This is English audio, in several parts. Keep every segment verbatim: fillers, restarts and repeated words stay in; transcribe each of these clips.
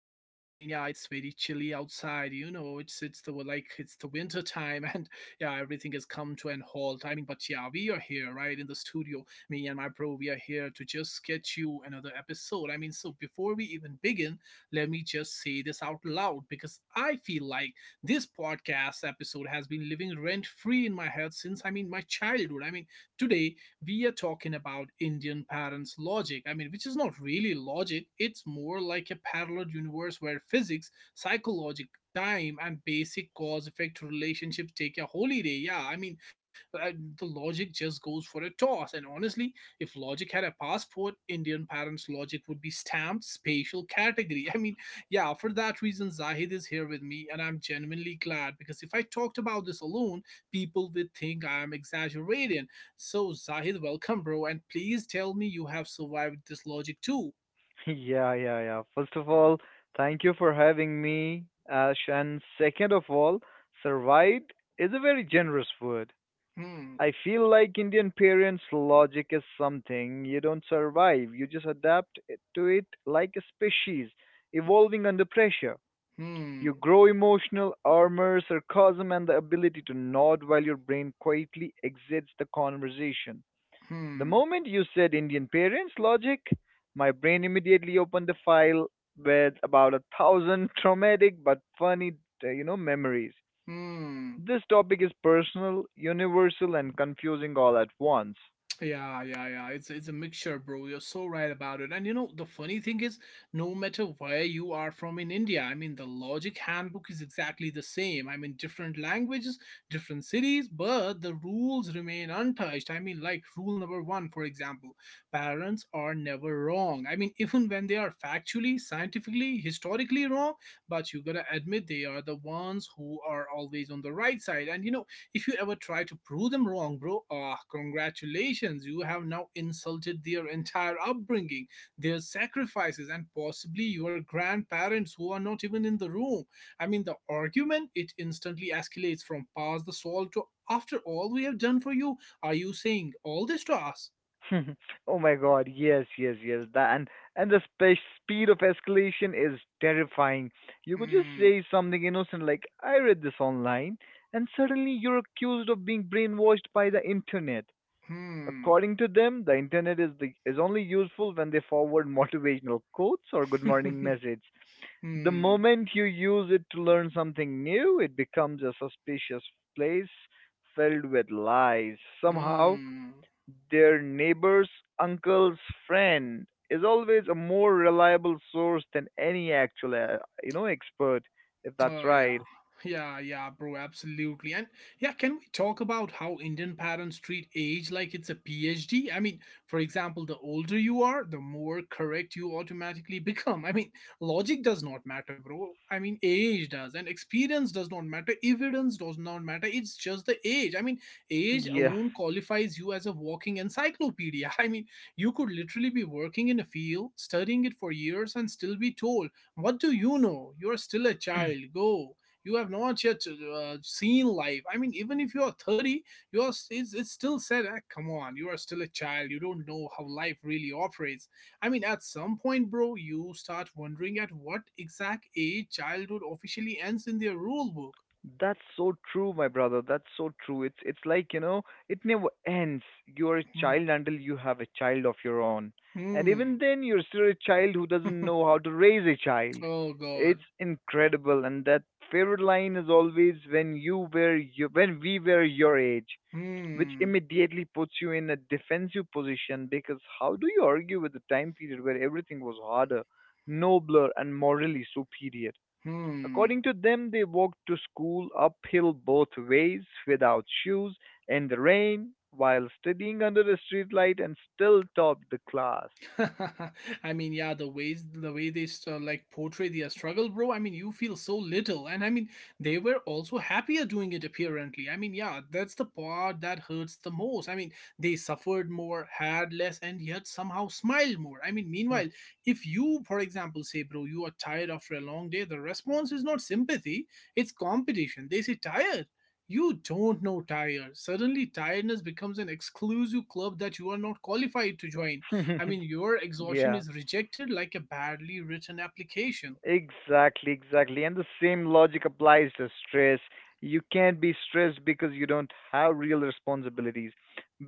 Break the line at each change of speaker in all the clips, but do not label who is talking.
know, it's it's the like it's the winter time, and yeah, everything has come to an halt. I mean, but yeah, we are here right in the studio, me and my bro, we are here to just get you another episode. I mean, so before we even begin, let me just say this out loud because I feel like this podcast episode has been living rent free in my head since I mean my childhood. I mean, Today, we are talking about Indian parents' logic. I mean, which is not really logic, it's more like a parallel universe where physics, psychology, time, and basic cause effect relationships take a holiday. Yeah, I mean, uh, the logic just goes for a toss. And honestly, if logic had a passport, Indian parents' logic would be stamped spatial category. I mean, yeah, for that reason, Zahid is here with me, and I'm genuinely glad because if I talked about this alone, people would think I am exaggerating. So, Zahid, welcome, bro, and please tell me you have survived this logic too.
Yeah, yeah, yeah. First of all, thank you for having me, Ash. And second of all, survived is a very generous word.
Hmm,
I feel like Indian parents' logic is something you don't survive, you just adapt it- to it like a species evolving under pressure.
hmm,
You grow emotional armor, sarcasm, and the ability to nod while your brain quietly exits the conversation. The
hmm,
moment you said Indian parents logic, my brain immediately opened the file with about a thousand traumatic but funny, uh, you know, memories.
hmm.
This topic is personal, universal, and confusing all at once.
Yeah, yeah, yeah. It's it's a mixture, bro. You're so right about it. And you know, the funny thing is, no matter where you are from in India, I mean, the logic handbook is exactly the same. I mean, different languages, different cities, but the rules remain untouched. I mean, like rule number one, for example, parents are never wrong. I mean, even when they are factually, scientifically, historically wrong, but you gotta admit they are the ones who are always on the right side. And you know, if you ever try to prove them wrong, bro, ah, congratulations. You have now insulted their entire upbringing, their sacrifices, and possibly your grandparents who are not even in the room. I mean, the argument, it instantly escalates from pass the salt to after all we have done for you, are you saying all this to us?
Oh my God, yes, yes, yes. That and and the spe- speed of escalation is terrifying. You could just
Hmm,
say something innocent like "I read this online," and suddenly you're accused of being brainwashed by the internet.
hmm,
According to them, the internet is the, is only useful when they forward motivational quotes or good morning messages. The
hmm,
moment you use it to learn something new, it becomes a suspicious place filled with lies. Somehow,
hmm.
their neighbor's uncle's friend is always a more reliable source than any actual, uh, you know, expert, if that's
Oh yeah,
right.
yeah, yeah, bro, absolutely. And yeah, can we talk about how Indian parents treat age like it's a PhD? I mean, for example, the older you are, the more correct you automatically become. I mean, logic does not matter, bro. I mean, age does, and experience does not matter. Evidence does not matter. It's just the age. I mean, age
Yeah.
alone qualifies you as a walking encyclopedia. I mean, you could literally be working in a field, studying it for years, and still be told what do you know? You are still a child. Go. You have not yet uh, seen life. I mean, even if you are thirty, you are s- it's, it's still said, ah, come on, you are still a child. You don't know how life really operates. I mean, at some point, bro, you start wondering at what exact age childhood officially ends in their rule book.
That's so true, my brother. That's so true. It's it's like, you know, it never ends. You're a child until you have a child of your own. And even
Hmm.
then you're still a child who doesn't
Hmm.
know how to raise a child.
Oh, God.
It's incredible, and that favorite line is always when you were you when we were your age, which
Hmm.
immediately puts you in a defensive position because how do you argue with the time period where everything was harder, nobler, and morally superior?
Hmm.
According to them, they walked to school uphill both ways without shoes in the rain while studying under a streetlight and still topped the class.
I mean, yeah, the ways the way they uh, like portray their struggle, bro. I mean, you feel so little, and I mean, they were also happier doing it apparently. I mean, yeah, that's the part that hurts the most. I mean, they suffered more, had less, and yet somehow smiled more. I mean, meanwhile, if you, for example, say, bro, you are tired after a long day, the response is not sympathy; it's competition. They say tired. You don't know tired. Suddenly, tiredness becomes an exclusive club that you are not qualified to join. I mean, your exhaustion
Yeah.
is rejected like a badly written application.
Exactly, exactly. And the same logic applies to stress. You can't be stressed because you don't have real responsibilities.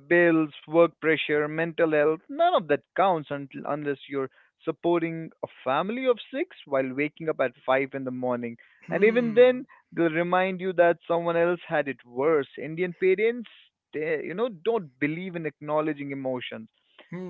Bills, work pressure, mental health, none of that counts until, unless you're supporting a family of six while waking up at five in the morning. And even
Hmm.
then, they'll remind you that someone else had it worse. Indian parents, they, you know, don't believe in acknowledging emotions.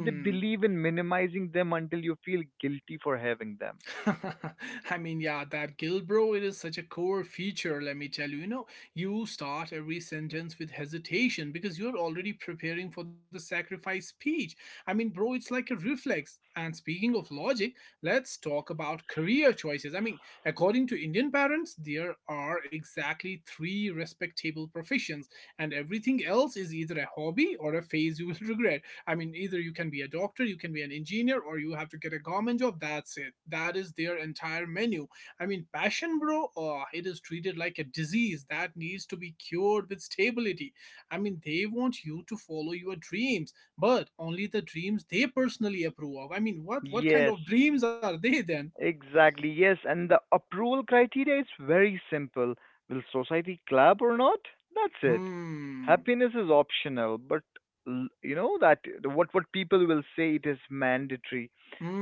They believe in minimizing them until you feel guilty for having them.
I mean, Yeah, that guilt, bro, it is such a core feature, let me tell you. You know, you start every sentence with hesitation because you're already preparing for the sacrifice speech. I mean, bro, it's like a reflex. And speaking of logic, let's talk about career choices. I mean, according to Indian parents, there are exactly three respectable professions, and everything else is either a hobby or a phase you will regret. I mean, either you can be a doctor, you can be an engineer, or you have to get a government job. That's it. That is their entire menu. I mean, passion, bro, oh, it is treated like a disease that needs to be cured with stability. I mean, they want you to follow your dreams, but only the dreams they personally approve of. I mean, what what kind
Yes,
of dreams are they then?
exactly. Yes, and the approval criteria is very simple. Will society clap or not? That's it.
Hmm.
Happiness is optional, but l- you know that what what people will say it is mandatory.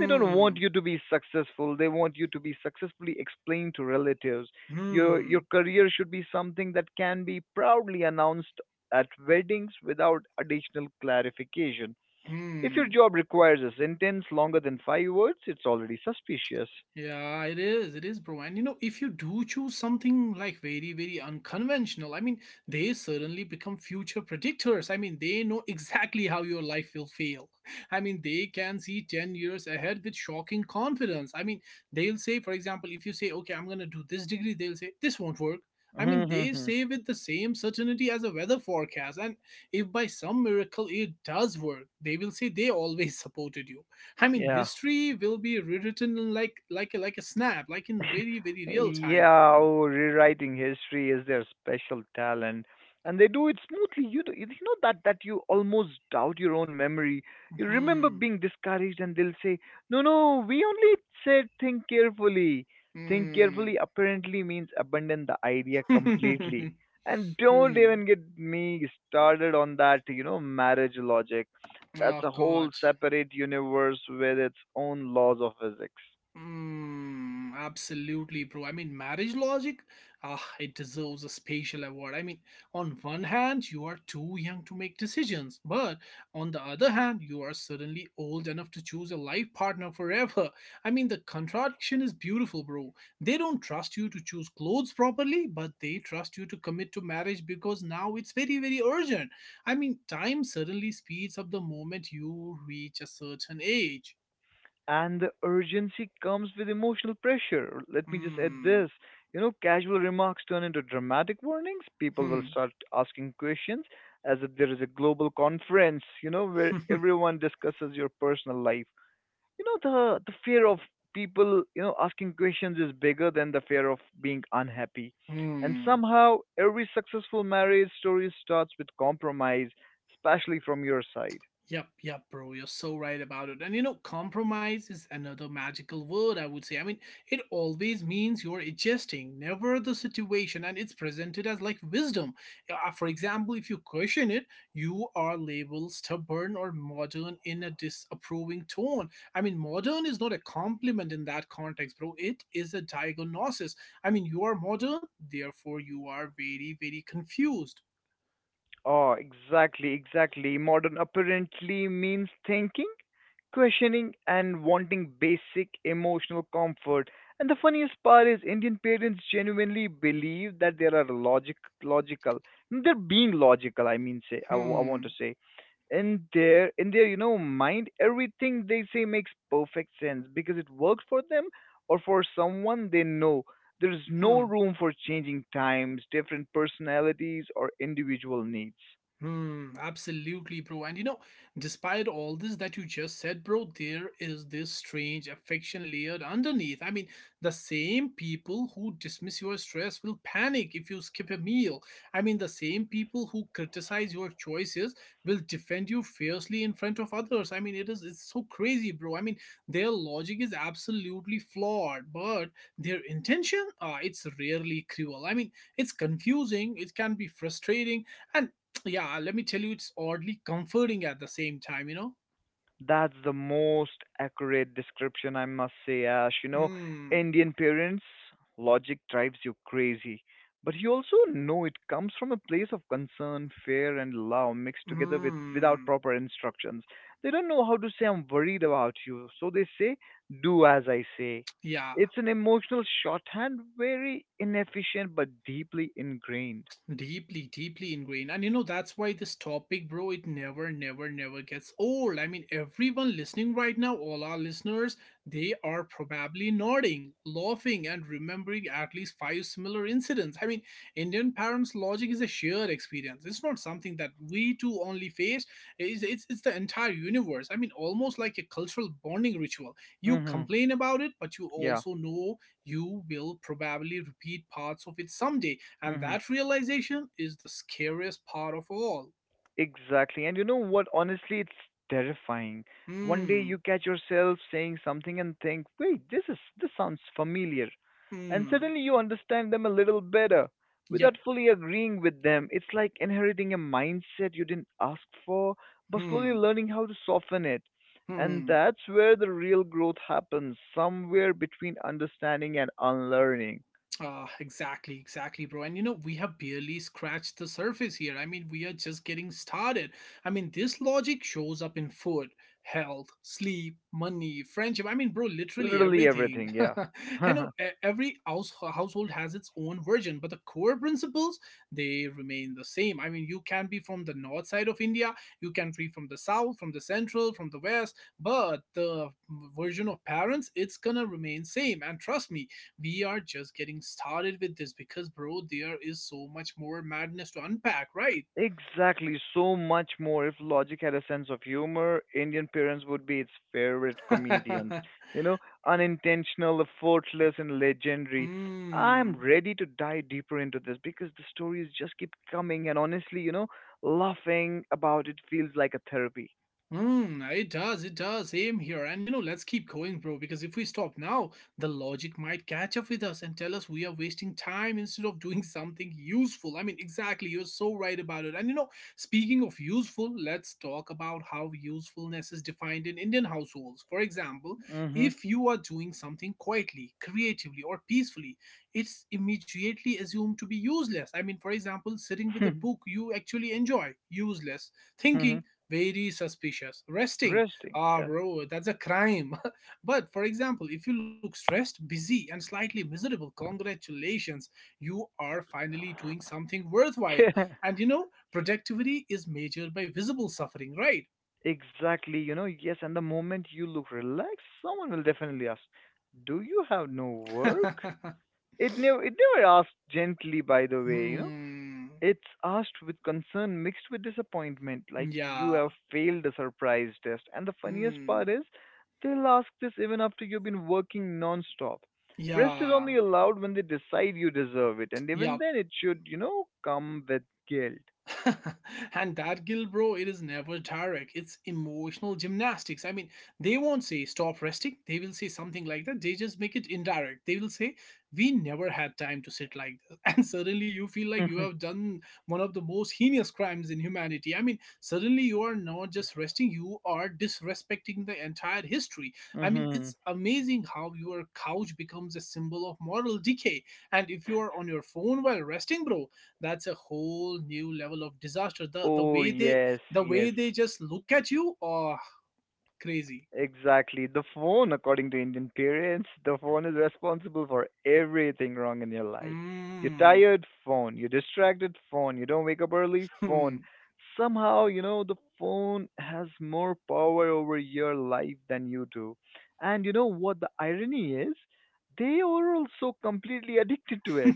They don't want you to be successful. They want you to be successfully explained to relatives. Your
Hmm.
your career should be something that can be proudly announced at weddings without additional clarification. If your
Hmm.
job requires a sentence longer than five words, it's already suspicious.
Yeah, it is. It is, bro. And you know, if you do choose something like very, very unconventional, I mean, they certainly become future predictors. I mean, they know exactly how your life will fail. I mean, they can see ten years ahead with shocking confidence. I mean, they'll say, for example, if you say, okay, I'm going to do this degree, they'll say, this won't work. I mean, they say with the same certainty as a weather forecast. And if by some miracle it does work, they will say they always supported you. I mean,
Yeah.
history will be rewritten like like like a snap, like in very very real time.
Yeah, oh, rewriting history is their special talent, and they do it smoothly. You do. You know that that you almost doubt your own memory. You remember
Hmm.
being discouraged, and they'll say, "No, no, we only said think carefully." Think
Hmm.
carefully apparently means abandon the idea completely, and don't
Hmm.
even get me started on that. You know, marriage logic. That's
Oh
a whole
God.
separate universe with its own laws of physics.
Mm, absolutely, bro. I mean, marriage logic, ah, it deserves a special award. I mean, on one hand, you are too young to make decisions, but on the other hand, you are suddenly old enough to choose a life partner forever. I mean, the contradiction is beautiful, bro. They don't trust you to choose clothes properly, but they trust you to commit to marriage because now it's very, very urgent. I mean, time suddenly speeds up the moment you reach a certain age.
And the urgency comes with emotional pressure. Let me just add
Hmm.
this. You know, casual remarks turn into dramatic warnings. People will
Hmm.
start asking questions as if there is a global conference, you know, where everyone discusses your personal life. You know, the, the fear of people, you know, asking questions is bigger than the fear of being unhappy. And
Hmm.
somehow, every successful marriage story starts with compromise, especially from your side.
Yep, yep, bro. You're so right about it. And you know, compromise is another magical word, I would say. I mean, it always means you're adjusting, never the situation, and it's presented as like wisdom. Uh, uh, For example, if you question it, you are labeled stubborn or modern in a disapproving tone. I mean, modern is not a compliment in that context, bro. It is a diagnosis. I mean, you are modern, therefore, you are very, very confused.
Oh, exactly, exactly. Modern apparently means thinking, questioning, and wanting basic emotional comfort. And the funniest part is Indian parents genuinely believe that they are logic, logical. They're being logical. I mean, say I, w- I want to
Hmm.
say in their in their you know mind, everything they say makes perfect sense because it works for them or for someone they know. There's
Hmm.
no room for changing times, different personalities, or individual needs.
Hmm, absolutely, bro. And you know, despite all this that you just said, bro, there is this strange affection layered underneath. I mean, the same people who dismiss your stress will panic if you skip a meal. I mean, the same people who criticize your choices will defend you fiercely in front of others. I mean, it is it's so crazy, bro. I mean, their logic is absolutely flawed, but their intention, uh, it's rarely cruel. I mean, it's confusing, it can be frustrating, and so, yeah, let me tell you, it's oddly comforting at the same time, you know.
That's the most accurate description, I must say, Ash. You know,
hmm,
Indian parents, logic drives you crazy. But you also know it comes from a place of concern, fear, and love mixed together with without
hmm,
proper instructions. They don't know how to say, I'm worried about you. So they say, do as I say.
yeah.
It's an emotional shorthand, very inefficient but deeply ingrained.
Deeply, deeply ingrained. And you know, that's why this topic, bro, it never, never, never gets old. I mean, everyone listening right now, all our listeners, they are probably nodding, laughing, and remembering at least five similar incidents. I mean, Indian parents' logic is a shared experience. It's not something that we two only face, it's, it's, it's the entire universe. I mean, almost like a cultural bonding ritual. You
Mm-hmm.
complain about it, but you
Yeah.
also know you will probably repeat parts of it someday, and
Mm-hmm.
that realization is the scariest part of all.
Exactly. And you know what? Honestly, it's terrifying. One day
Hmm,
you catch yourself saying something and think, "Wait, this is this sounds familiar." And
hmm,
suddenly you understand them a little better
yep.
without fully agreeing with them. It's like inheriting a mindset you didn't ask for, but slowly
hmm,
learning how to soften it. And
hmm.
that's where the real growth happens, somewhere between understanding and unlearning.
Ah, exactly, exactly, bro. And you know, we have barely scratched the surface here. I mean, we are just getting started. I mean, this logic shows up in food, health, sleep, money, friendship. I mean, bro, literally
Literally
everything.
everything, yeah.
I know e- every house, household has its own version, but the core principles they remain the same. I mean, you can be from the north side of India, you can be from the south, from the central, from the west, but the version of parents, it's gonna remain same. And trust me, we are just getting started with this because, bro, there is so much more madness to unpack, right?
Exactly, so much more. If logic had a sense of humor, Indian parents would be its favorite comedians. You know, unintentional, effortless, and legendary.
Hmm.
I'm ready to dive deeper into this because the stories just keep coming, and honestly, you know, laughing about it feels like a therapy.
Mm, it does, it does. Same here. And you know, let's keep going, bro, because if we stop now, the logic might catch up with us and tell us we are wasting time instead of doing something useful. I mean, exactly, you're so right about it. And you know, speaking of useful, let's talk about how usefulness is defined in Indian households. For example,
Mm-hmm.
if you are doing something quietly, creatively, or peacefully, it's immediately assumed to be useless. I mean, for example, sitting with a book you actually enjoy, useless.
Mm-hmm.
Thinking, very suspicious. Resting,
Resting.
ah,
Yeah.
bro, that's a crime. But for example, if you look stressed, busy, and slightly miserable, congratulations, you are finally doing something worthwhile.
Yeah.
And you know, productivity is measured by visible suffering, right?
Exactly. You know, yes, and the moment you look relaxed, someone will definitely ask, "Do you have no work?" It never it never asked gently, by the way, you know.
hmm.
It's asked with concern mixed with disappointment, like you
Yeah.
have failed a surprise test. And the funniest
Hmm.
part is they'll ask this even after you've been working non-stop. Rest is
Yeah.
only allowed when they decide you deserve it, and
Yeah.
even then it should, you know, come with guilt.
And that Gil bro, it is never direct. It's emotional gymnastics. I mean, they won't say stop resting. They will say something like that. They just make it indirect. They will say, we never had time to sit like this. And suddenly you feel like you have done one of the most heinous crimes in humanity. I mean, suddenly you are not just resting, you are disrespecting the entire history. I mean,
Mhm.
it's amazing how your couch becomes a symbol of moral decay. And if you are on your phone while resting, bro, that's a whole new level of disaster, the the
Oh
way they,
yes,
the
yes.
way they just look at you oh crazy.
Exactly. The phone, according to Indian parents, the phone is responsible for everything wrong in your life. You're
mm.
tired, phone. You're distracted, phone. You don't wake up early,
Hmm.
phone. Somehow, you know, the phone has more power over your life than you do. And you know what the irony is? They are also completely addicted to it.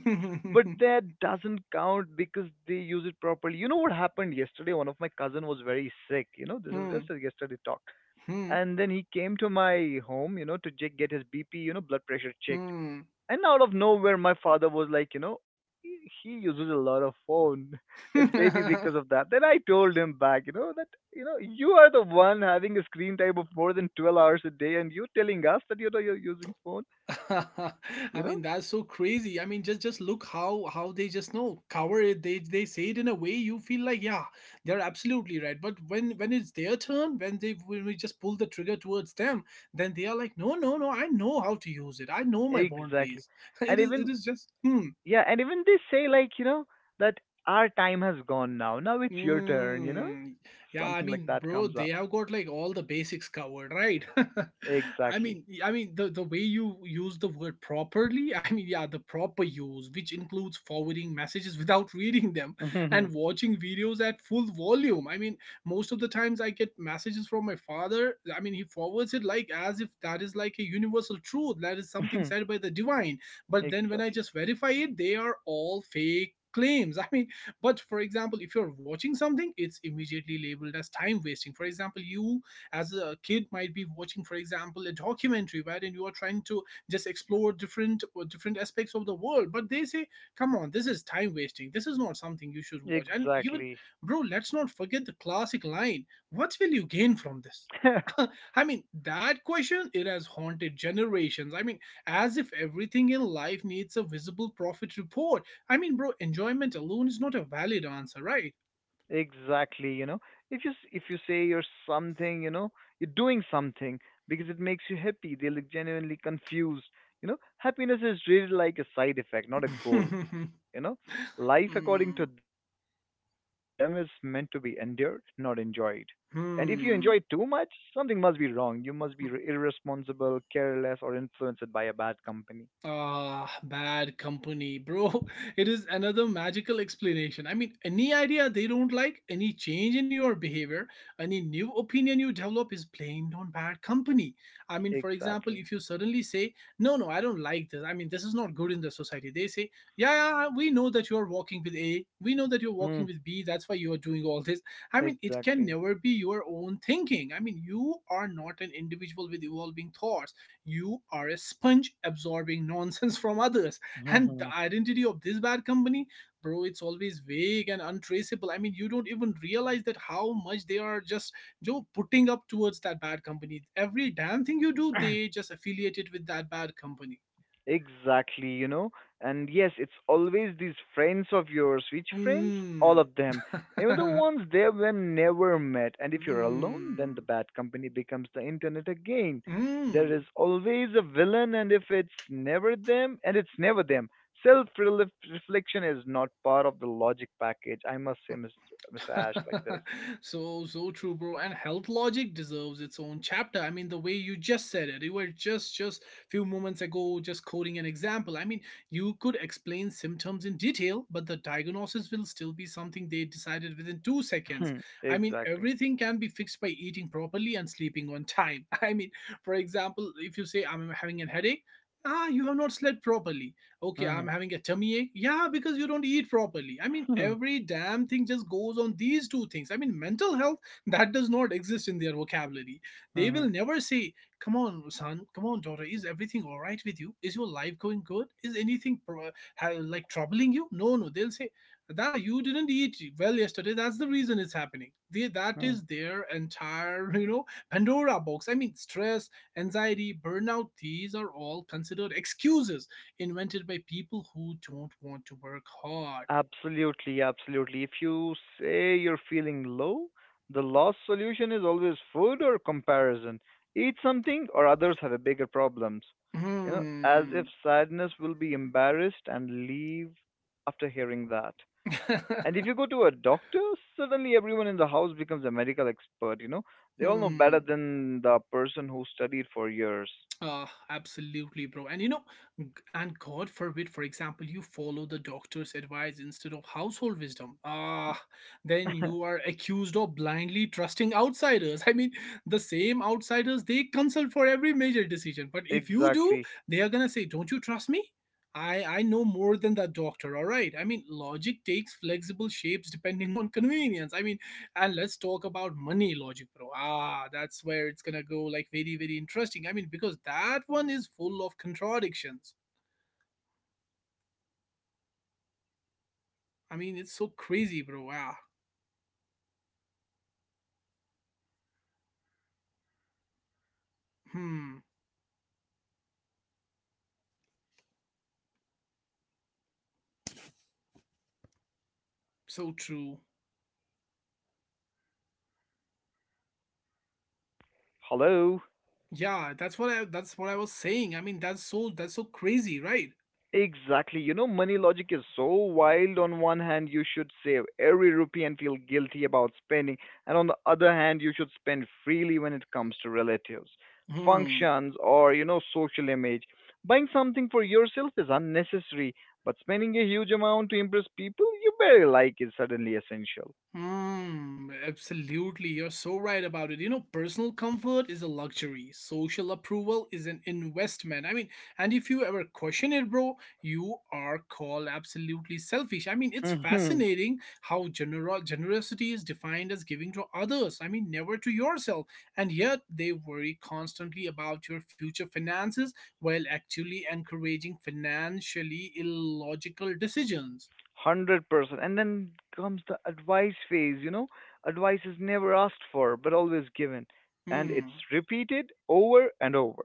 But that doesn't count because they use it properly. You know what happened yesterday? One of my cousin was very sick. You know, this is just
Hmm.
a yesterday talk,
Hmm.
and then he came to my home, you know, to check get his B P, you know, blood pressure checked.
Hmm.
And out of nowhere, my father was like, you know, he he uses a lot of phone. It's maybe because of that. Then I told him back, you know, that you know you are the one having a screen time of more than twelve hours a day, and you telling us that you know you're using phone.
I
You
mean,
know,
that's so crazy. I mean, just just look how how they just know cover it. They they say it in a way you feel like, yeah, they're absolutely right. But when when it's their turn, when they when we just pull the trigger towards them, then they are like, no no no, I know how to use it. I know my
exactly,
boundaries.
and
It is it
even
is just hmm.
yeah, and even they say like you know that our time has gone now. Now it's your turn. You know,
Mm, yeah, I
something like
mean,
that
bro,
comes
they
up.
have got like all the basics covered, right? I
Exactly.
mean, I mean the the way you use the word properly, I mean, yeah, the proper use, which includes forwarding messages without reading them and watching videos at full volume. I mean, most of the times I get messages from my father. I mean, he forwards it like as if that is like a universal truth, that is something said by the divine. But then when I
Exactly,
just verify it, they are all fake claims. I mean but for example, if you're watching something, it's immediately labeled as time wasting. For example, you as a kid might be watching, for example, a documentary wherein you are trying to just explore different or different aspects of the world. But they say, come on, this is time wasting. This is not something you should watch. And even,
exactly.
bro, let's not forget the classic line. What will you gain from this? I mean, that question, it has haunted generations. I mean, as if everything in life needs a visible profit report. I mean, bro, enjoyment alone is not a valid answer, right?
Exactly. You know, if you s- if you say you're something you know you're doing something because it makes you happy, they look genuinely confused. You know, happiness is really like a side effect, not a goal. You know, life according
Hmm.
to them is meant to be endured, not enjoyed. And if you enjoy it too much,
Hmm.
something must be wrong. You must be r- irresponsible, careless, or influenced by a bad company.
Ah, bad company, bro. It is another magical explanation. I mean, any idea they don't like, any change in your behavior, any new opinion you develop is blamed on bad company. I mean, for example,
Exactly.
if you suddenly say, no, no, I don't like this. I mean, this is not good in the society. They say, yeah, yeah, we know that you're walking with A. We know that you're walking
Mm,
with B. That's why you are doing all this. I mean, it can
exactly.
never be your own thinking. I mean, you are not an individual with evolving thoughts, you are a sponge absorbing nonsense from others. And the identity of this bad company, bro, it's always vague and untraceable. I mean, you don't even realize that how much they are just joe putting up towards that bad company. Every damn thing you do they just affiliate it with that bad company.
Exactly, you know. And yes, it's always these friends of yours. Which friends? All
mm.
of them. Even the ones they were never met. And if you're alone, then the
mm.
bad company becomes the internet again.
Mm.
There is always a villain, and if it's never them, and it's never them. Self reflection is not part of the logic package. I must say, Mister Mister Ash, like this.
So so true bro, and health logic deserves its own chapter. I mean, the way you just said it, you were just just few moments ago just quoting an example. i mean you could explain symptoms in detail but the diagnosis will still be something they decided within two seconds.
Hmm,
I mean,
exactly.
everything can be fixed by eating properly and sleeping on time. I mean, for example, if you say I'm having a headache, ah, you have not slept properly. Okay,
Hmm.
I'm having a tummy ache, yeah, because you don't eat properly. I mean,
Hmm.
every damn thing just goes on these two things. I mean, mental health, that does not exist in their vocabulary. They
Hmm.
will never say come on son, come on daughter, is everything all right with you, is your life going good, is anything pro- ha- like troubling you? No no, they'll say that you didn't eat well yesterday, that's the reason it's happening. They, that is their entire you know pandora box. I mean, stress, anxiety, burnout, these are all considered excuses invented by people who don't want to work hard.
Absolutely, absolutely. If you say you're feeling low, the last solution is always food or comparison. Eat something, or others have a bigger problems. You know, as if
Hmm.
sadness will be embarrassed and leave after hearing that. And if you go to a doctor, suddenly everyone in the house becomes a medical expert, you know. They all know better
Hmm.
than the person who studied for years.
Uh, absolutely, bro. And you know, g- and God forbid, for example, you follow the doctor's advice instead of household wisdom. Ah, then you are accused of blindly trusting outsiders. I mean, the same outsiders they consult for every major decision. But if you do,
Exactly.
they are gonna say, "Don't you trust me? I I know more than that doctor." All right. I mean, logic takes flexible shapes depending on convenience. I mean, and let's talk about money logic bro. Ah, that's where it's gonna go like very very interesting. I mean, because that one is full of contradictions. I mean, it's so crazy bro. ah hmm so true.
Hello.
Yeah, that's what i that's what I was saying. I mean, that's so that's so crazy, right?
Exactly. You know, money logic is so wild. On one hand, you should save every rupee and feel guilty about spending, and on the other hand, you should spend freely when it comes to relatives,
hmm
functions, or, you know, social image. Buying something for yourself is unnecessary, but spending a huge amount to impress people you barely like is suddenly essential.
Hmm, absolutely. You're so right about it. You know, personal comfort is a luxury. Social approval is an investment. I mean, and if you ever question it, bro, you are called absolutely selfish. I mean, it's fascinating how genero- generosity is defined as giving to others. I mean, never to yourself. And yet they worry constantly about your future finances while actually encouraging financially illogical decisions.
Hundred percent. And then comes the advice phase, you know. Advice is never asked for, but always given. And it's
Hmm.
repeated over and over.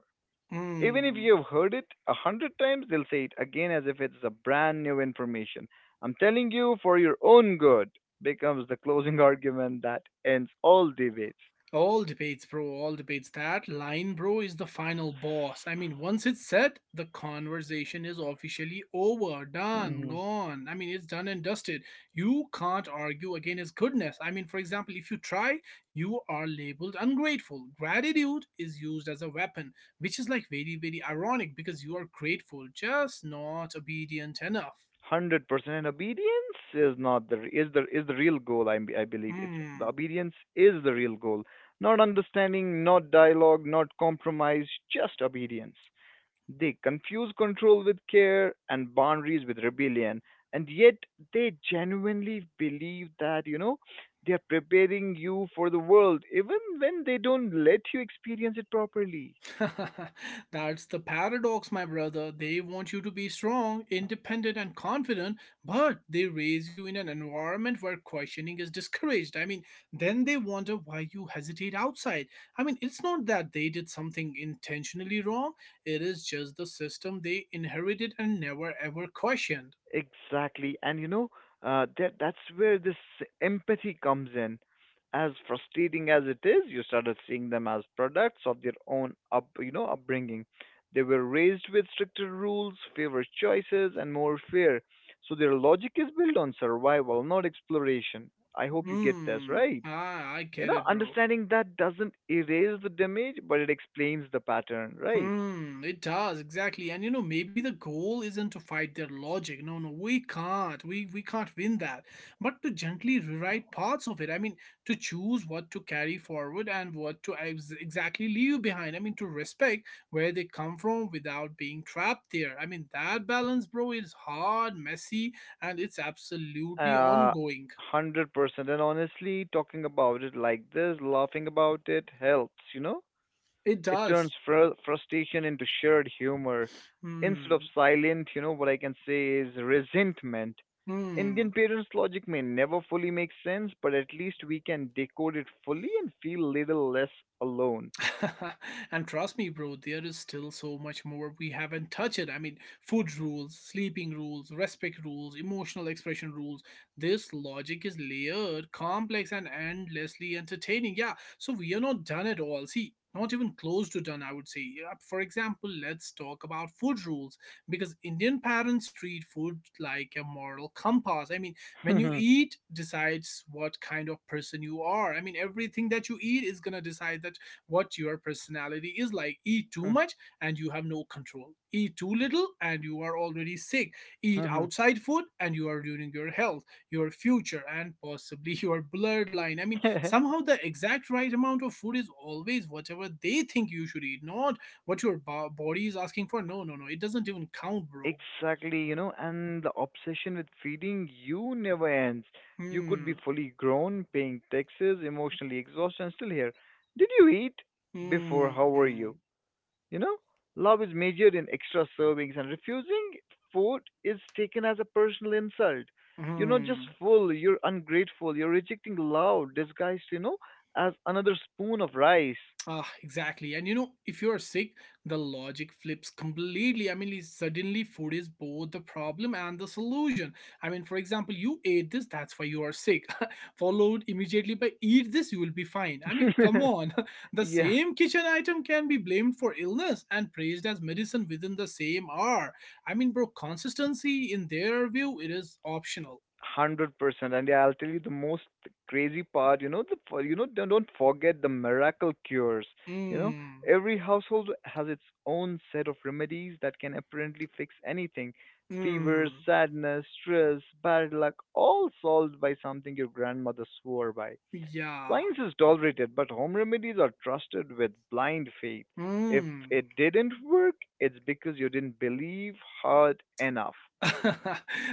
Even if
Hmm.
you've heard it a hundred times, they'll say it again as if it's a brand new information. I'm telling you for your own good becomes the closing argument that ends all debates.
All debates, bro. All debates. That line, bro, is the final boss. I mean, once it's said, the conversation is officially over, done, gone. I mean, it's done and dusted. You can't argue against his goodness. I mean, for example, if you try, you are labeled ungrateful. Gratitude is used as a weapon, which is like very, very ironic because you are grateful, just not obedient enough.
Hundred percent. And obedience is not the is the is the real goal. I I believe it's the
Hmm.
obedience is the real goal. Not understanding, not dialogue, not compromise, just obedience. They confuse control with care and boundaries with rebellion, and yet they genuinely believe that, you know, they are preparing you for the world, even when they don't let you experience it properly.
That's the paradox, my brother. They want you to be strong, independent, and confident, but they raise you in an environment where questioning is discouraged. I mean, then they wonder why you hesitate outside. I mean, it's not that they did something intentionally wrong, it is just the system they inherited and never ever questioned.
Exactly. And you know, uh, that that's where this empathy comes in. As frustrating as it is, you started seeing them as products of their own up, you know, upbringing. They were raised with stricter rules, favored choices, and more fear. So their logic is built on survival, not exploration. I hope you get this
Hmm,
right.
ah, I
You
get
know,
it, bro.
understanding that doesn't erase the damage, but it explains the pattern, right?
Hmm, it does, exactly. And you know, maybe the goal isn't to fight their logic. No, no, we can't. We we can't win that. But to gently rewrite parts of it. I mean, to choose what to carry forward and what to ex- exactly leave behind. I mean, to respect where they come from without being trapped there. I mean, that balance, bro, is hard, messy, and it's absolutely
Uh,
ongoing.
one hundred percent. And honestly, talking about it like this, laughing about it helps, you know?
It
It
does.
turns fr- frustration into shared humor. Instead of
Hmm.
silent, you know, what I can say is resentment. Indian
Hmm.
parents' logic may never fully make sense, but at least we can decode it fully and feel little less alone.
And trust me, bro, there is still so much more we haven't touched. I mean, food rules, sleeping rules, respect rules, emotional expression rules. This logic is layered, complex, and endlessly entertaining. Yeah, so we are not done at all. See, not even close to done, I would say. Yeah, for example, let's talk about food rules because Indian parents treat food like a moral compass. I mean, when you eat decides what kind of person you are. I mean, everything that you eat is gonna decide that what your personality is like. Eat too much and you have no control. Eat too little and you are already sick. Eat outside food and you are ruining your health, your future, and possibly your bloodline. I mean, somehow the exact right amount of food is always whatever they think you should eat, not what your bo- body is asking for. No, no, no. It doesn't even count, bro.
Exactly, you know, and the obsession with feeding you never ends. You could be
Hmm.
fully grown, paying taxes, emotionally exhausted, and still here. Did you eat? Before, how were
Hmm.
you? You know, love is measured in extra servings, and refusing food is taken as a personal insult. You're not just
Hmm.
full, you're ungrateful, you're rejecting love, disguised, you know, as another spoon of rice.
Ah, exactly. And you know, if you are sick, the logic flips completely. I mean, it's- suddenly food is both the problem and the solution. I mean, for example, you ate this, that's why you are sick, followed immediately by eat this, you will be fine. I mean, come on. The
yeah.
same kitchen item can be blamed for illness and praised as medicine within the same hour. I mean, bro, consistency in their view, it is optional.
Hundred percent, and yeah, I'll tell you the most crazy part. You know, the for- you know don't don't forget the miracle cures. You know,
Mmm.
every household has its own set of remedies that can apparently fix anything: fever,
Mmm.
sadness, stress, bad luck, all solved by something your grandmother swore by.
Yeah.
Science is tolerated, but home remedies are trusted with blind faith. If
Mmm.
it didn't work, it's because you didn't believe hard enough.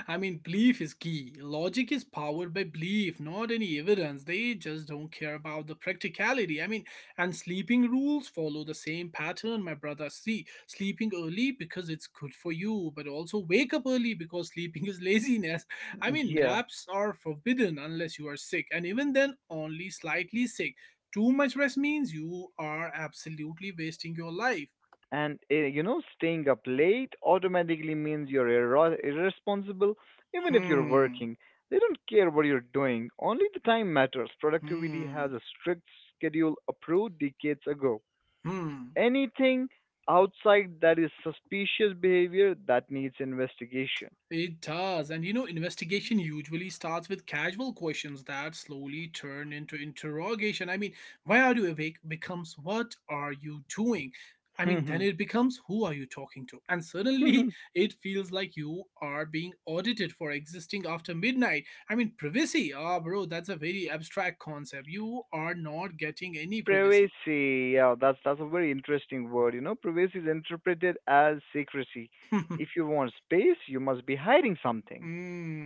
I mean, belief is key. Logic is powered by belief, not any evidence. They just don't care about the practicality. I mean, and sleeping rules follow the same pattern, my brother. See, sleeping early because it's good for you, but also wake up early because sleeping is laziness. I mean,
Yeah.
naps are forbidden unless you are sick, and even then, only slightly sick. Too much rest means you are absolutely wasting your life.
And uh, you know, staying up late automatically means you're irro- irresponsible even if you're
Hmm,
working. They don't care what you're doing, only the time matters. Productivity has
hmm,
a strict schedule approved decades ago.
hmm.
Anything outside that is suspicious behavior that needs investigation.
It does. And you know, investigation usually starts with casual questions that slowly turn into interrogation. I mean, why are you awake becomes what are you doing? I mean, then it becomes who are you talking to? And suddenly it feels like you are being audited for existing after midnight. I mean, privacy. Ah, bro, that's a very abstract concept. You are not getting any privacy.
privacy, yeah, that's that's a very interesting word. You know, privacy is interpreted as secrecy. If you want space, you must be hiding something.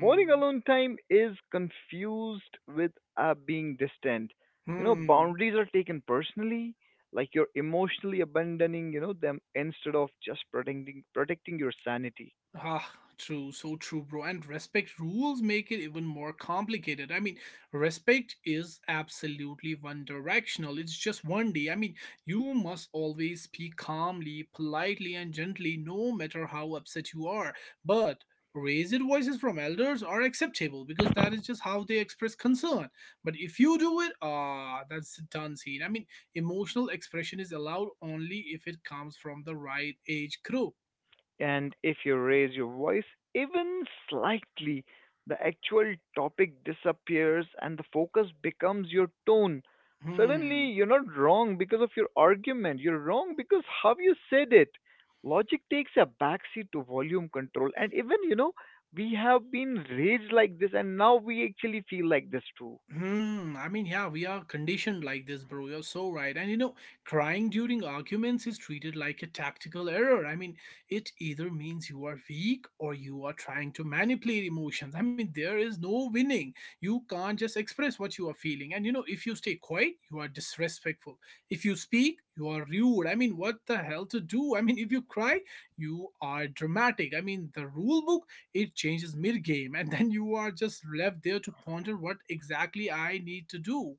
Wanting alone time is confused with uh, being distant. You know,
Hmm.
boundaries are taken personally, like you're emotionally abandoning, you know, them, instead of just protecting protecting your sanity.
Ah, true, so true, bro. And respect rules make it even more complicated. I mean, respect is absolutely one directional, it's just one day. I mean, you must always speak calmly, politely, and gently, no matter how upset you are. But raised voices from elders are acceptable because that is just how they express concern. But if you do it, ah, that's a done scene. I mean, emotional expression is allowed only if it comes from the right age group.
And if you raise your voice even slightly, the actual topic disappears and the focus becomes your tone.
Hmm.
Suddenly, you're not wrong because of your argument, you're wrong because how you said it. Logic takes a backseat to volume control, and even, you know, we have been raised like this, and now we actually feel like this too.
Hmm, I mean, yeah, we are conditioned like this, bro. You're so right. And you know, crying during arguments is treated like a tactical error. I mean, it either means you are weak or you are trying to manipulate emotions. I mean, there is no winning. You can't just express what you are feeling. And you know, if you stay quiet, you are disrespectful. If you speak, you are rude. I mean, what the hell to do? I mean, if you cry, you are dramatic. I mean, the rule book it changes mid game, and then you are just left there to ponder what exactly I need to do.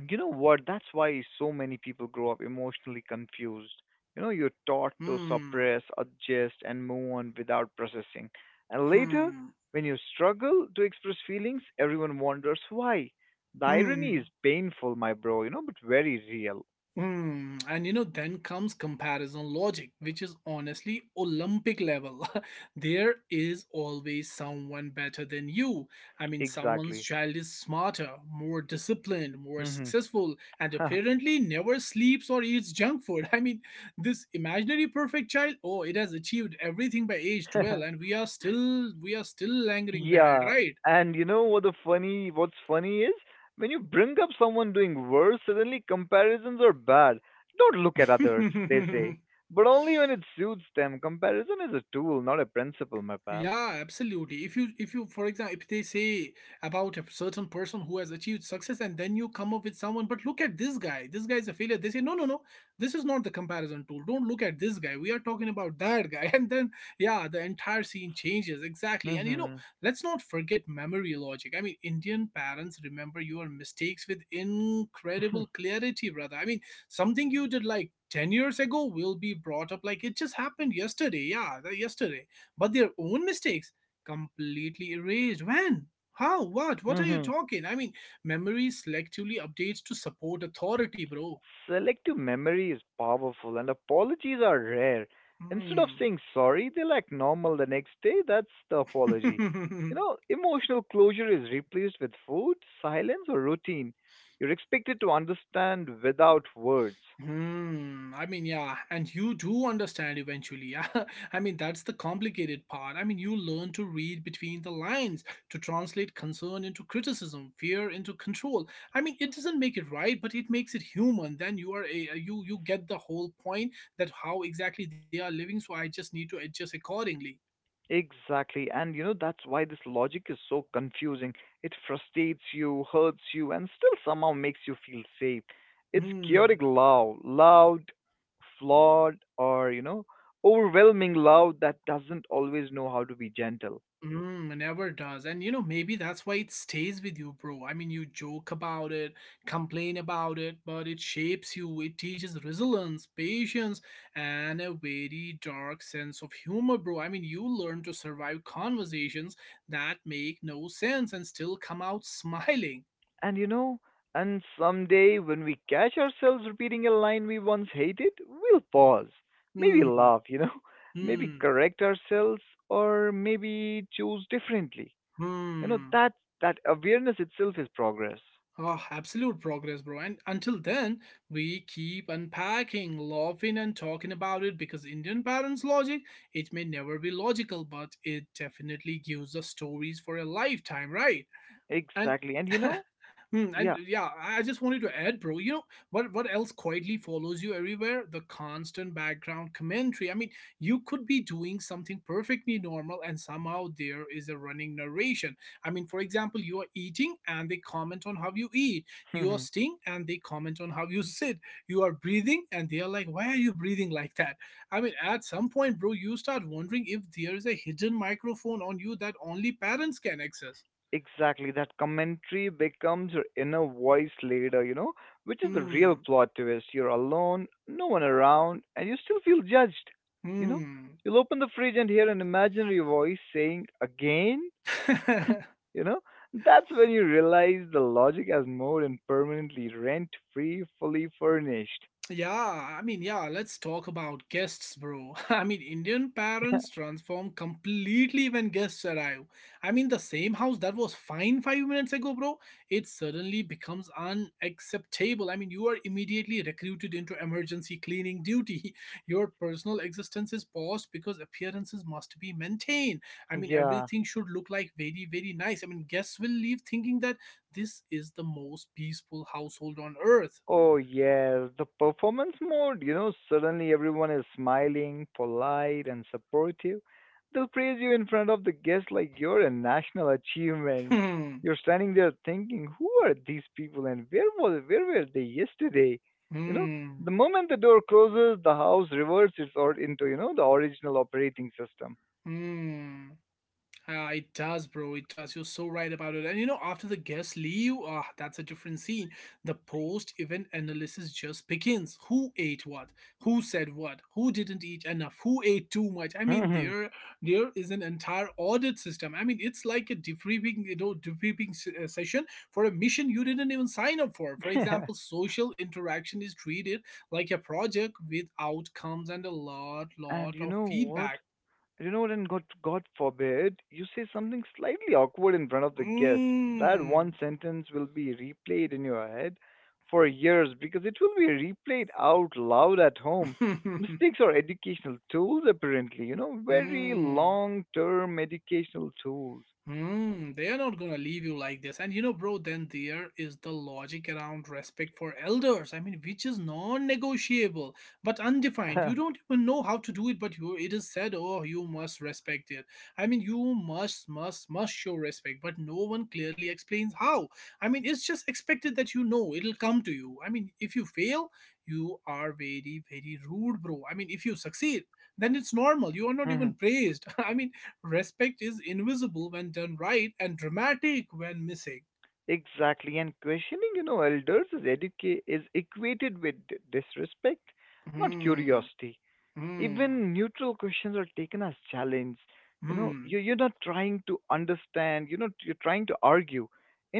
You know what? That's why so many people grow up emotionally confused. You know, you're taught
Hmm,
to suppress, adjust, and move on without processing. And later,
hmm,
when you struggle to express feelings, everyone wonders why. The irony
hmm.
is painful, my bro, you know, but very real.
Hmm, and you know, then comes comparison logic, which is honestly Olympic level. There is always someone better than you. I mean, someone's
Exactly.
child is smarter, more disciplined, more
Hmm.
successful, and apparently never sleeps or eats junk food. I mean, this imaginary perfect child, oh, it has achieved everything by age twelve, and we are still we are still lingering behind,
Yeah,
right?
and you know what the funny what's funny is, when you bring up someone doing worse, suddenly comparisons are bad. Don't look at others, they say. But only when it suits them. Comparison is a tool, not a principle, my pal.
Yeah, absolutely. If you if you for example if they say about a certain person who has achieved success and then you come up with someone, but look at this guy, this guy is a failure. They say, no, no, no, this is not the comparison tool. Don't look at this guy. We are talking about that guy. And then yeah, the entire scene changes. Exactly. And you know,
Mhm.
let's not forget memory logic. I mean, Indian parents remember your mistakes with incredible clarity, brother. I mean, something you did like ten years ago will be brought up like it just happened yesterday. Yeah, the- yesterday but their own mistakes completely erased. When? How? What? What are you
Mhm.
talking? I mean, memory selectively updates to support authority, bro.
Selective memory is powerful and apologies are rare. Instead of saying sorry, they'll act normal the next day. That's the apology.
Hmm.
You know, emotional closure is replaced with food, silence, or routine. You're expected to understand without words.
Hmm. I mean, yeah, and you do understand eventually. Yeah, I mean that's the complicated part. I mean, you learn to read between the lines, to translate concern into criticism, fear into control. I mean, it doesn't make it right, but it makes it human. Then you are a you you get the whole point that how exactly they are living. So I just need to adjust accordingly.
Exactly. And you know, that's why this logic is so confusing. It frustrates you, hurts you, and still somehow makes you feel safe. It's
Hmm.
chaotic love, loud, flawed, or, you know, overwhelming love that doesn't always know how to be gentle.
Mm, it never does. And you know, maybe that's why it stays with you, bro. I mean, you joke about it, complain about it, but it shapes you. It teaches resilience, patience, and a very dark sense of humor, bro. I mean, you learn to survive conversations that make no sense and still come out smiling.
And you know, and someday when we catch ourselves repeating a line we once hated, we'll pause, maybe
Hmm,
laugh, you know, maybe
hmm,
correct ourselves, or maybe choose differently. You know
hmm.
that that awareness itself is progress.
Ah, absolute progress, bro. And until then, we keep unpacking, laughing, and talking about it because Indian parents' logic, it may never be logical, but it definitely gives us stories for a lifetime, right? and
Exactly, and you know.
Hmm, and
Yeah.
yeah, I I just wanted to add, bro. You know what? What else quietly follows you everywhere? The constant background commentary. I mean, you could be doing something perfectly normal, and somehow there is a running narration. I mean, for example, you are eating, and they comment on how you eat. You are sitting, and they comment on how you sit. You are breathing, and they are like, "Why are you breathing like that?" I mean, at some point, bro, you start wondering if there is a hidden microphone on you that only parents can access.
exactly, that commentary becomes your inner voice later, you know, which is the real
Hmm.
plot twist. You're alone, no one around, and you still feel judged. You know,
嗯，
you'll open the fridge and hear an imaginary voice saying again. You know, that's when you realize the logic has moved and permanently rent free, fully furnished.
Yeah, I mean, yeah, let's talk about guests, bro. I mean, Indian parents transform completely when guests arrive. I mean, the same house that was fine five minutes ago, bro, it suddenly becomes unacceptable. I mean, you are immediately recruited into emergency cleaning duty. Your personal existence is paused because appearances must be maintained. I mean,
yeah.
everything should look like very, very nice. I mean, guests will leave thinking that this is the most peaceful household on earth.
Oh, yes, the performance mode. You know, suddenly everyone is smiling, polite, and supportive. They'll praise you in front of the guests like you're a national achievement. You're standing there thinking, who are these people and where was where were they yesterday? You know, the
Hmm.
moment the door closes, the house reverses its or into, you know, the original operating system.
Hmm. Ah, it does, bro. It does. You're so right about it. And you know, after the guests leave, ah, that's a different scene. The post-event analysis just begins. Who ate what? Who said what? Who didn't eat enough? Who ate too much? I mean, there there is an entire audit system. I mean, it's like a debriefing, you know, debriefing s- uh, session for a mission you didn't even sign up for. For example, social interaction is treated like a project with outcomes and a lot,
and
lot
you
of
know what?
feedback.
You know what? And God, God forbid you say something slightly awkward in front of the guests. That one
嗯，
sentence will be replayed in your head for years because it will be replayed out loud at home. Mistakes are educational tools, apparently, you know, very
嗯，
long term educational tools.
Hmm, they are not gonna leave you like this. And you know, bro, then there is the logic around respect for elders. I mean, which is non-negotiable but undefined. You don't even know how to do it, but you it is said, oh, you must respect it. I mean, you must, must, must show respect, but no one clearly explains how. I mean, it's just expected that you know it'll come to you. I mean, if you fail, you are very, very rude, bro. I mean, if you succeed, then it's normal. You are not even
Mhm.
praised. I mean, respect is invisible when done right and dramatic when missing.
Exactly, and questioning, you know, elders is educa- is equated with d- disrespect, not
Hmm.
curiosity.
Hmm.
Even neutral questions are taken as challenge. You know,
Hmm.
you you're not, trying to understand you know you're not- you're trying to argue.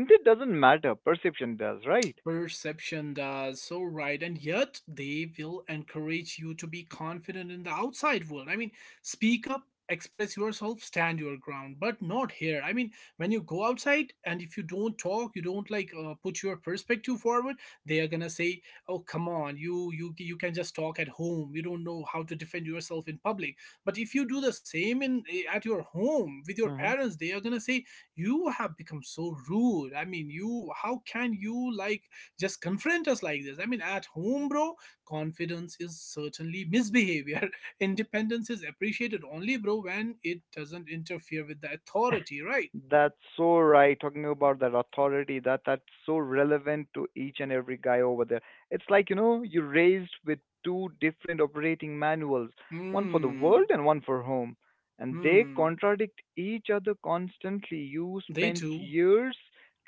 Intent doesn't matter, perception does, right?
Perception does, so right. And yet they will encourage you to be confident in the outside world. I mean, speak up, express yourself, stand your ground, but not here. I mean, when you go outside and if you don't talk, you don't like uh, put your perspective forward, they are gonna say, oh, come on, you you you can just talk at home, you don't know how to defend yourself in public. But if you do the same in eh, at your home with your
Mhm.
parents, they are gonna say, you have become so rude. I mean, you how can you like just confront us like this. I mean, at home, bro, confidence is certainly misbehavior. Independence is appreciated only, bro, when it doesn't interfere with the authority, right?
That's so right. Talking about that authority, that that's so relevant to each and every guy over there. It's like, you know, you raised with two different operating manuals, one for the world
Hmm.
and one for home, and they
Hmm.
contradict each other constantly. You
They
spent
do.
years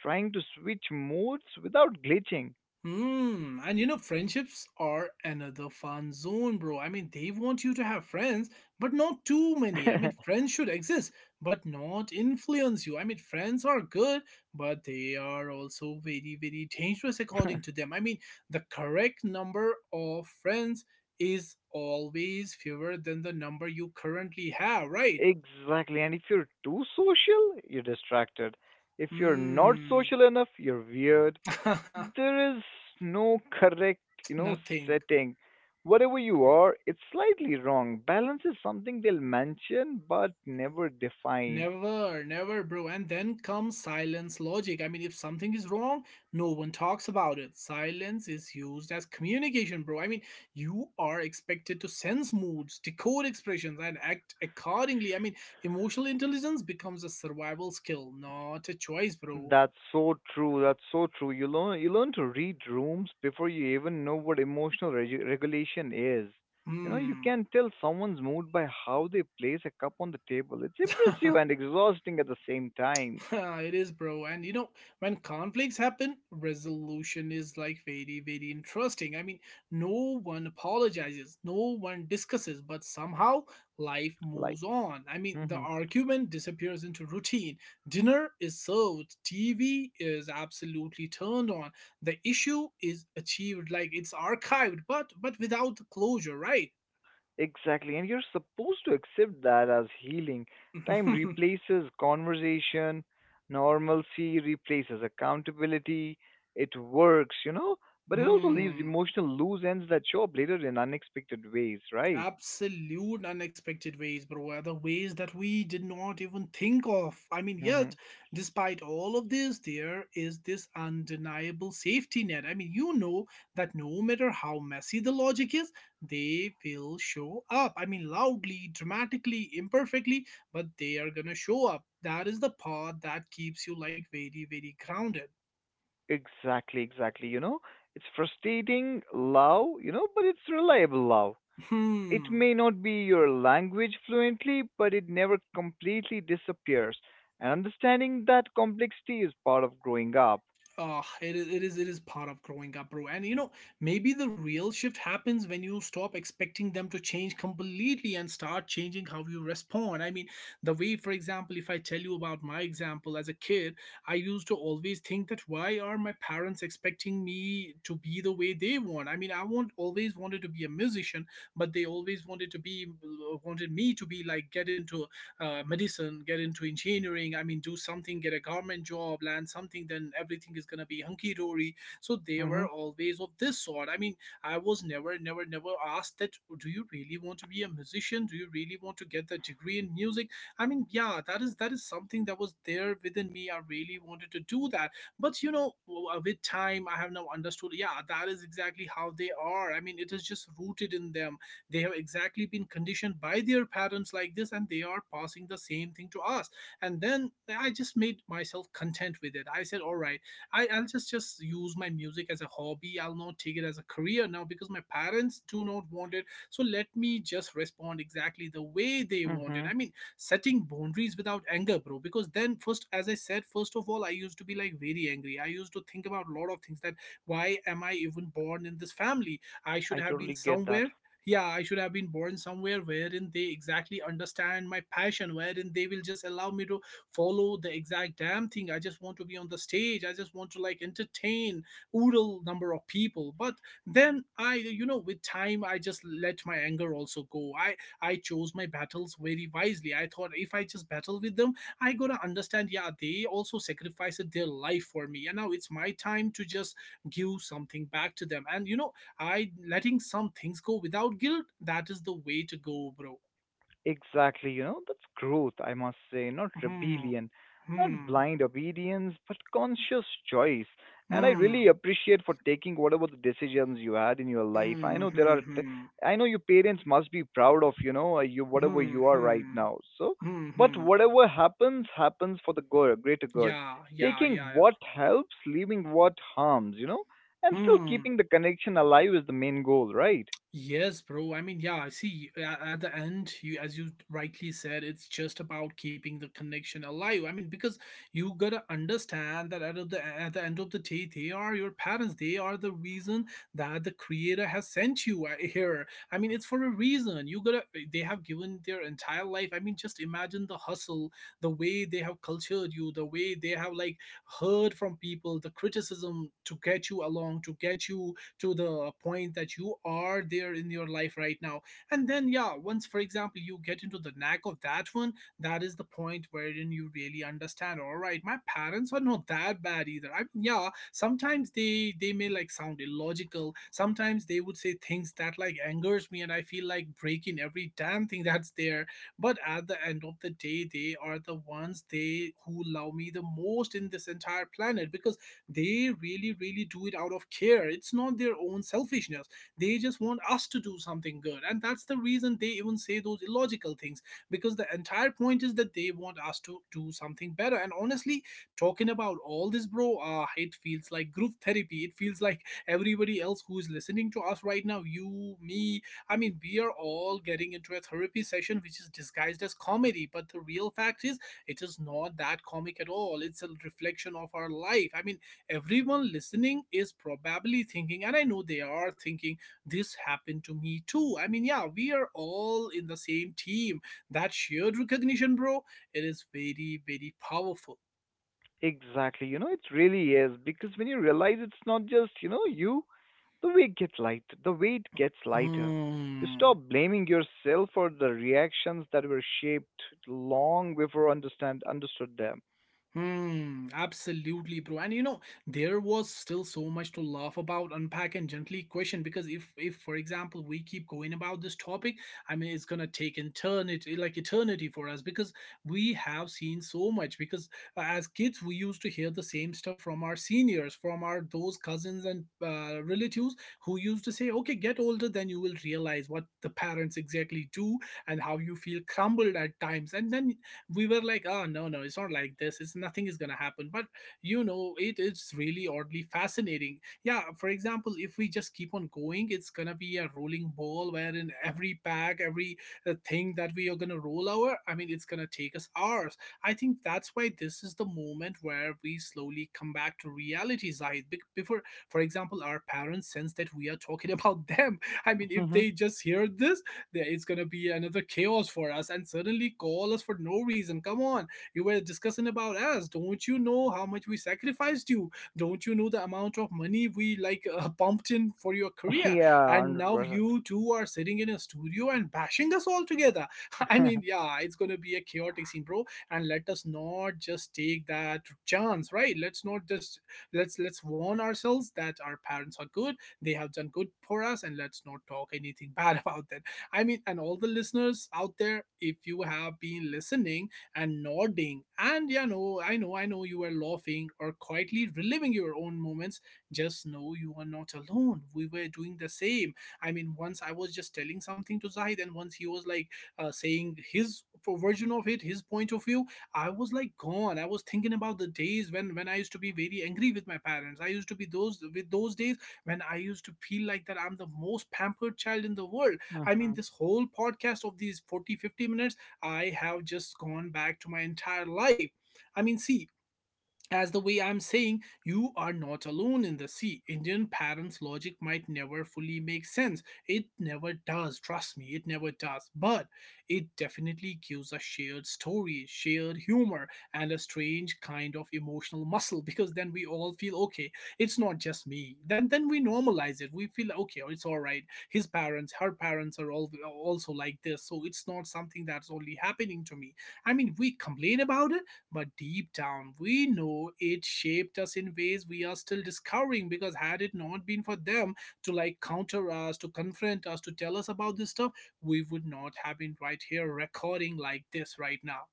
trying to switch modes without glitching.
Hmm, and you know, friendships are another fun zone, bro. I mean, they want you to have friends, but not too many. I mean, friends should exist, but not influence you. I mean, friends are good, but they are also very, very dangerous according to them. I mean, the correct number of friends is always fewer than the number you currently have, right?
Exactly. And if you're too social, you're distracted. If you're not
Hmm,
social enough, you're weird. There is no correct, you know,
nothing.
setting. Whatever you are, it's slightly wrong. Balance is something they'll mention but never define.
Never, never, bro. And then comes silence logic. I mean, if something is wrong, no one talks about it. Silence is used as communication, bro. I mean, you are expected to sense moods, decode expressions, and act accordingly. I mean, emotional intelligence becomes a survival skill, not a choice, bro.
That's so true that's so true You learn you learn to read rooms before you even know what emotional regu- regulation is. You know, you
Hmm.
can tell someone's mood by how they place a cup on the table. It's impressive and exhausting at the same time.
it is, bro. And you know, when conflicts happen, resolution is like very, very interesting. I mean, no one apologizes, no one discusses, but somehow life
Like,
moves on. I mean, the
mm-hmm.
argument disappears into routine. Dinner is served, T V is absolutely turned on. The issue is achieved, like it's archived, but but without the closure, right?
Exactly. And you're supposed to accept that as healing. Time replaces conversation, normalcy replaces accountability. It works, you know, but it also leaves
Hmm.
emotional loose ends that show up later in unexpected ways, right?
Absolute unexpected ways, bro. Are the ways that we did not even think of. I mean, yet,
Hmm.
despite all of this, there is this undeniable safety net. I mean, you know that no matter how messy the logic is, they will show up. I mean, loudly, dramatically, imperfectly, but they are gonna show up. That is the part that keeps you like very, very grounded.
Exactly, exactly. You know, it's frustrating love, you know, but it's reliable love. It
Hmm.
may not be your language fluently, but it never completely disappears. And understanding that complexity is part of growing up.
Ah, it is, it is it is part of growing up, bro. And you know, maybe the real shift happens when you stop expecting them to change completely and start changing how you respond. I mean, the way, for example, if I tell you about my example as a kid, I used to always think that why are my parents expecting me to be the way they want? I mean, I want always wanted to be a musician, but they always wanted to be wanted me to be like get into uh, medicine, get into engineering. I mean, do something, get a government job, land something, then everything is gonna be hunky dory. So they
Mm-hmm.
were always of this sort. I mean, I was never, never, never asked that. "Oh, do you really want to be a musician? Do you really want to get the degree in music?" I mean, yeah, that is that is something that was there within me. I really wanted to do that, but you know, w- uh, with time, I have now understood. Yeah, that is exactly how they are. I mean, it is just rooted in them. They have exactly been conditioned by their parents like this, and they are passing the same thing to us. And then I just made myself content with it. I said, all right, I, I'll just just use my music as a hobby. I'll not take it as a career now because my parents do not want it. So let me just respond exactly the way they want it.
Mm-hmm.
I mean, setting boundaries without anger, bro. Because then, first, as I said, first of all, I used to be like very angry. I used to think about a lot of things that why am I even born in this family? I should
I
have
totally
been
get that.
somewhere. Yeah, I should have been born somewhere wherein they exactly understand my passion, wherein they will just allow me to follow the exact damn thing. I just want to be on the stage. I just want to like entertain oodle number of people. But then i you know with time, I just let my anger also go. I i chose my battles very wisely. I thought if I just battle with them, I gotta understand, yeah, they also sacrificed their life for me, and now it's my time to just give something back to them. And you know I letting some things go without guilt. That is the way to go, bro.
Exactly, you know, that's growth, I must say, not
Hmm.
rebellion, not
Hmm.
blind obedience, but conscious choice. And I really
Hmm.
appreciate for taking whatever the decisions you had in your life. I
Hmm.
know there
Hmm.
are, t-
Hmm.
I know your parents must be proud of, you know, uh, you, whatever
Hmm.
you are right
Hmm.
now. So,
Hmm.
but
Hmm.
whatever happens, happens for the good, greater good.
Yeah. Yeah.
Taking
Yeah. Yeah.
what helps, leaving what harms, you know, and still
Hmm.
keeping the connection alive is the main goal, right?
Yes, bro. I mean, yeah, I see. a- At the end, you, as you rightly said, it's just about keeping the connection alive. I mean, because you gotta understand that at of the at the end of the day, they are your parents. They are the reason that the creator has sent you uh, here. I mean, it's for a reason. You gotta. eh, They have given their entire life. I mean, just imagine the hustle, the way they have cultured you, the way they have like heard from people, the criticism to get you along, to get you to the point that you are there in your life right now. And then yeah, once, for example, you get into the knack of that one, that is the point wherein you really understand, all right, my parents are not that bad either. I mean, yeah, sometimes they they may like sound illogical, sometimes they would say things that like angers me and I feel like breaking every damn thing that's there. But at the end of the day, they are the ones, they who love me the most in this entire planet, because they really really do it out of care. It's not their own selfishness. They just want us to do something good, and that's the reason they even say those illogical things, because the entire point is that they want us to do something better. And honestly, talking about all this, bro, uh, it feels like group therapy. It feels like everybody else who is listening to us right now, you, me, I mean, we are all getting into a therapy session which is disguised as comedy, but the real fact is it is not that comic at all. It's a reflection of our life. I mean, everyone listening is probably thinking, and I know they are thinking, this happened to me too. I mean, yeah, we are all in the same team. That shared recognition, bro, it is very, very powerful.
Exactly. You know, it really is because when you realize it's not just, you know, you, the weight gets light, the weight gets lighter. You
Hmm.
stop blaming yourself for the reactions that were shaped long before understand understood them.
Hmm, absolutely, bro. And you know, there was still so much to laugh about, unpack, and gently question. Because if, if, for example, we keep going about this topic, I mean, it's gonna take eternity, like eternity for us, because we have seen so much. Because uh, as kids, we used to hear the same stuff from our seniors, from our those cousins and uh, relatives who used to say, "Okay, get older, then you will realize what the parents exactly do and how you feel crumbled at times." And then we were like, oh, no, no, it's not like this, it's nothing is gonna happen. But you know, it is really oddly fascinating. Yeah, for example, if we just keep on going, it's gonna be a rolling ball wherein every pack, every uh, thing that we are gonna roll over, I mean, it's gonna take us hours. I think that's why this is the moment where we slowly come back to reality, Zahid. Bec- before, for example, our parents sense that we are talking about them, I mean, if they just hear this, that it's gonna be another chaos for us, and suddenly call us for no reason. Come on, you were discussing about us. Don't you know how much we sacrificed you? Don't you know the amount of money we like uh, pumped in for your career?
Yeah,
And now
one hundred percent.
you two are sitting in a studio and bashing us all together. I mean,
Percent
yeah, it's gonna be a chaotic scene, bro. And let us not just take that chance, right? Let's not just, let's let's warn ourselves that our parents are good. They have done good for us, and let's not talk anything bad about them. I mean, and all the listeners out there, if you have been listening and nodding, and you know, I know, I know you are laughing or quietly reliving your own moments, just know you are not alone. We were doing the same. I mean, once I was just telling something to Zahid, and once he was like uh, saying his version of it, his point of view, I was like gone. I was thinking about the days when when I used to be very angry with my parents. I used to be those with those days when I used to feel like that I'm the most pampered child in the world. I mean, this whole podcast of these forty, fifty minutes, I have just gone back to my entire life. I mean, see, as the way I'm saying, you are not alone in the sea. Indian parents' logic might never fully make sense. It never does, trust me, it never does. But it definitely gives a shared story, shared humor, and a strange kind of emotional muscle, because then we all feel okay, it's not just me. Then then we normalize it. We feel okay, it's alright. His parents, her parents are all also like this. So it's not something that's only happening to me. I mean, we complain about it, but deep down, we know it shaped us in ways we are still discovering, because had it not been for them to like counter us, to confront us, to tell us about this stuff, we would not have been right here recording like this right now.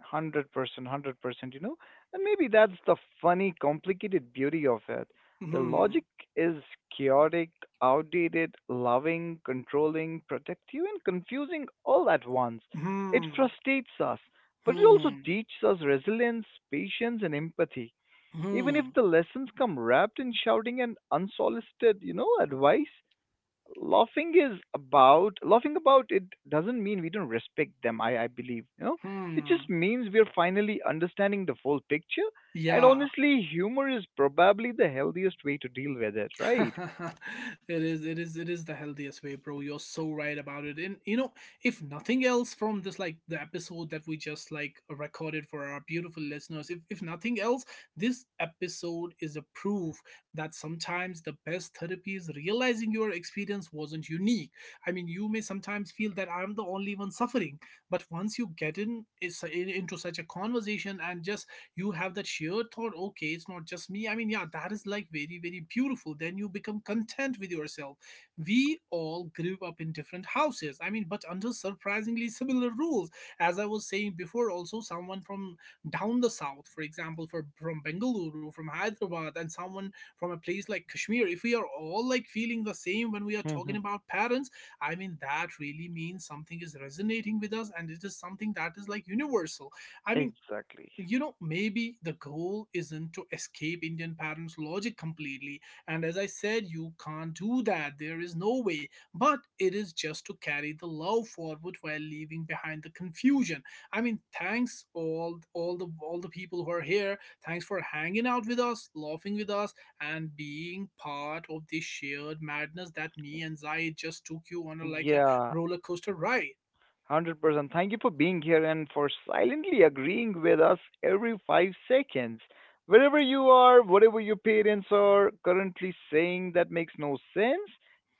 Hundred percent, hundred percent, you know? And maybe that's the funny, complicated beauty of it. The
Hmm.
logic is chaotic, outdated, loving, controlling, protective, and confusing all at once. It
Hmm.
frustrates us, but it also
Hmm.
teaches us resilience, patience, and empathy. Even if
Hmm.
the lessons come wrapped in shouting and unsolicited, you know, advice. Laughing is about laughing about it doesn't mean we don't respect them, i i believe, you know. It just
Hmm.
means we're finally understanding the full picture. And
Yeah.
honestly, humor is probably the healthiest way to deal with it, right?
It is, it is, it is the healthiest way, bro. You're so right about it. And you know, if nothing else from this like the episode that we just like recorded for our beautiful listeners, if, if nothing else, this episode is a proof that sometimes the best therapy is realizing your experience wasn't unique. I mean, you may sometimes feel that I'm the only one suffering, but once you get in, is- in into such a conversation and just you have that sheer thought, okay, it's not just me. I mean, yeah, that is like very, very beautiful. Then you become content with yourself. We all grew up in different houses, I mean, but under surprisingly similar rules. As I was saying before also, someone from down the south, for example, for, from Bengaluru, from Hyderabad, and someone from a place like Kashmir, if we are all like feeling the same when we are talking
Hmm.
about parents, I mean, that really means something is resonating with us, and it is something that is like universal. I mean,
Exactly.
you know, maybe the goal isn't to escape Indian parents logic completely, and as I said, you can't do that, there is no way, but it is just to carry the love forward while leaving behind the confusion. I mean, thanks, all all the all the people who are here, thanks for hanging out with us, laughing with us, and being part of this shared madness that me and Zai just took you on a like a
Yeah.
roller coaster ride.
one hundred percent. Thank you for being here and for silently agreeing with us every five seconds. Wherever you are, whatever your parents are currently saying that makes no sense,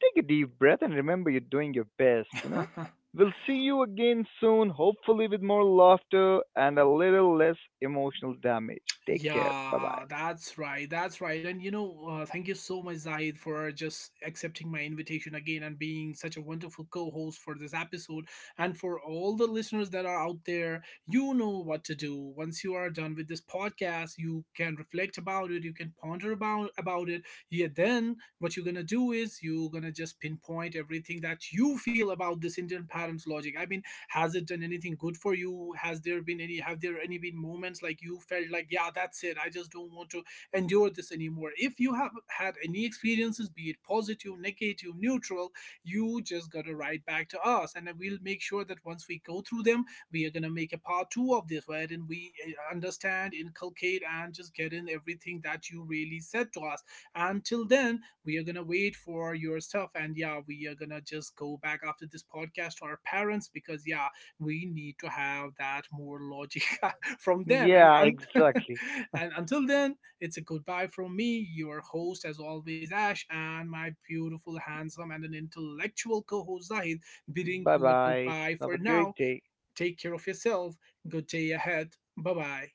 take a deep breath and remember you're doing your best, you know? We'll see you again soon, hopefully with more laughter and a little less emotional damage. Take care. Bye
Yeah,
bye.
that's right. That's right. And you know, uh, thank you so much, Zaid, for just accepting my invitation again and being such a wonderful co host for this episode. And for all the listeners that are out there, you know what to do. Once you are done with this podcast, you can reflect about it, you can ponder about, about it. Yeah, then what you're going to do is you're going to just pinpoint everything that you feel about this Indian parents' logic. I mean, has it done anything good for you? Has there been any, have there any been moments like you felt like, yeah, that's it, I just don't want to endure this anymore? If you have had any experiences, be it positive, negative, neutral, you just gotta write back to us, and we'll make sure that once we go through them, we are gonna make a part two of this wherein we uh, understand, inculcate, and just get in everything that you really said to us. Until then, we are gonna wait for your stuff, and yeah, we are gonna just go back after this podcast to our parents, because yeah, we need to have that more logic from them and
Yeah,
un-
exactly.
and until then, it's a goodbye from me, your host as always, Ash, and my beautiful, handsome, and an intellectual co-host Zahid, bidding
Bye
you a
bye.
goodbye
Have a
for now.
great day.
Take care of yourself. Good day ahead. Bye bye.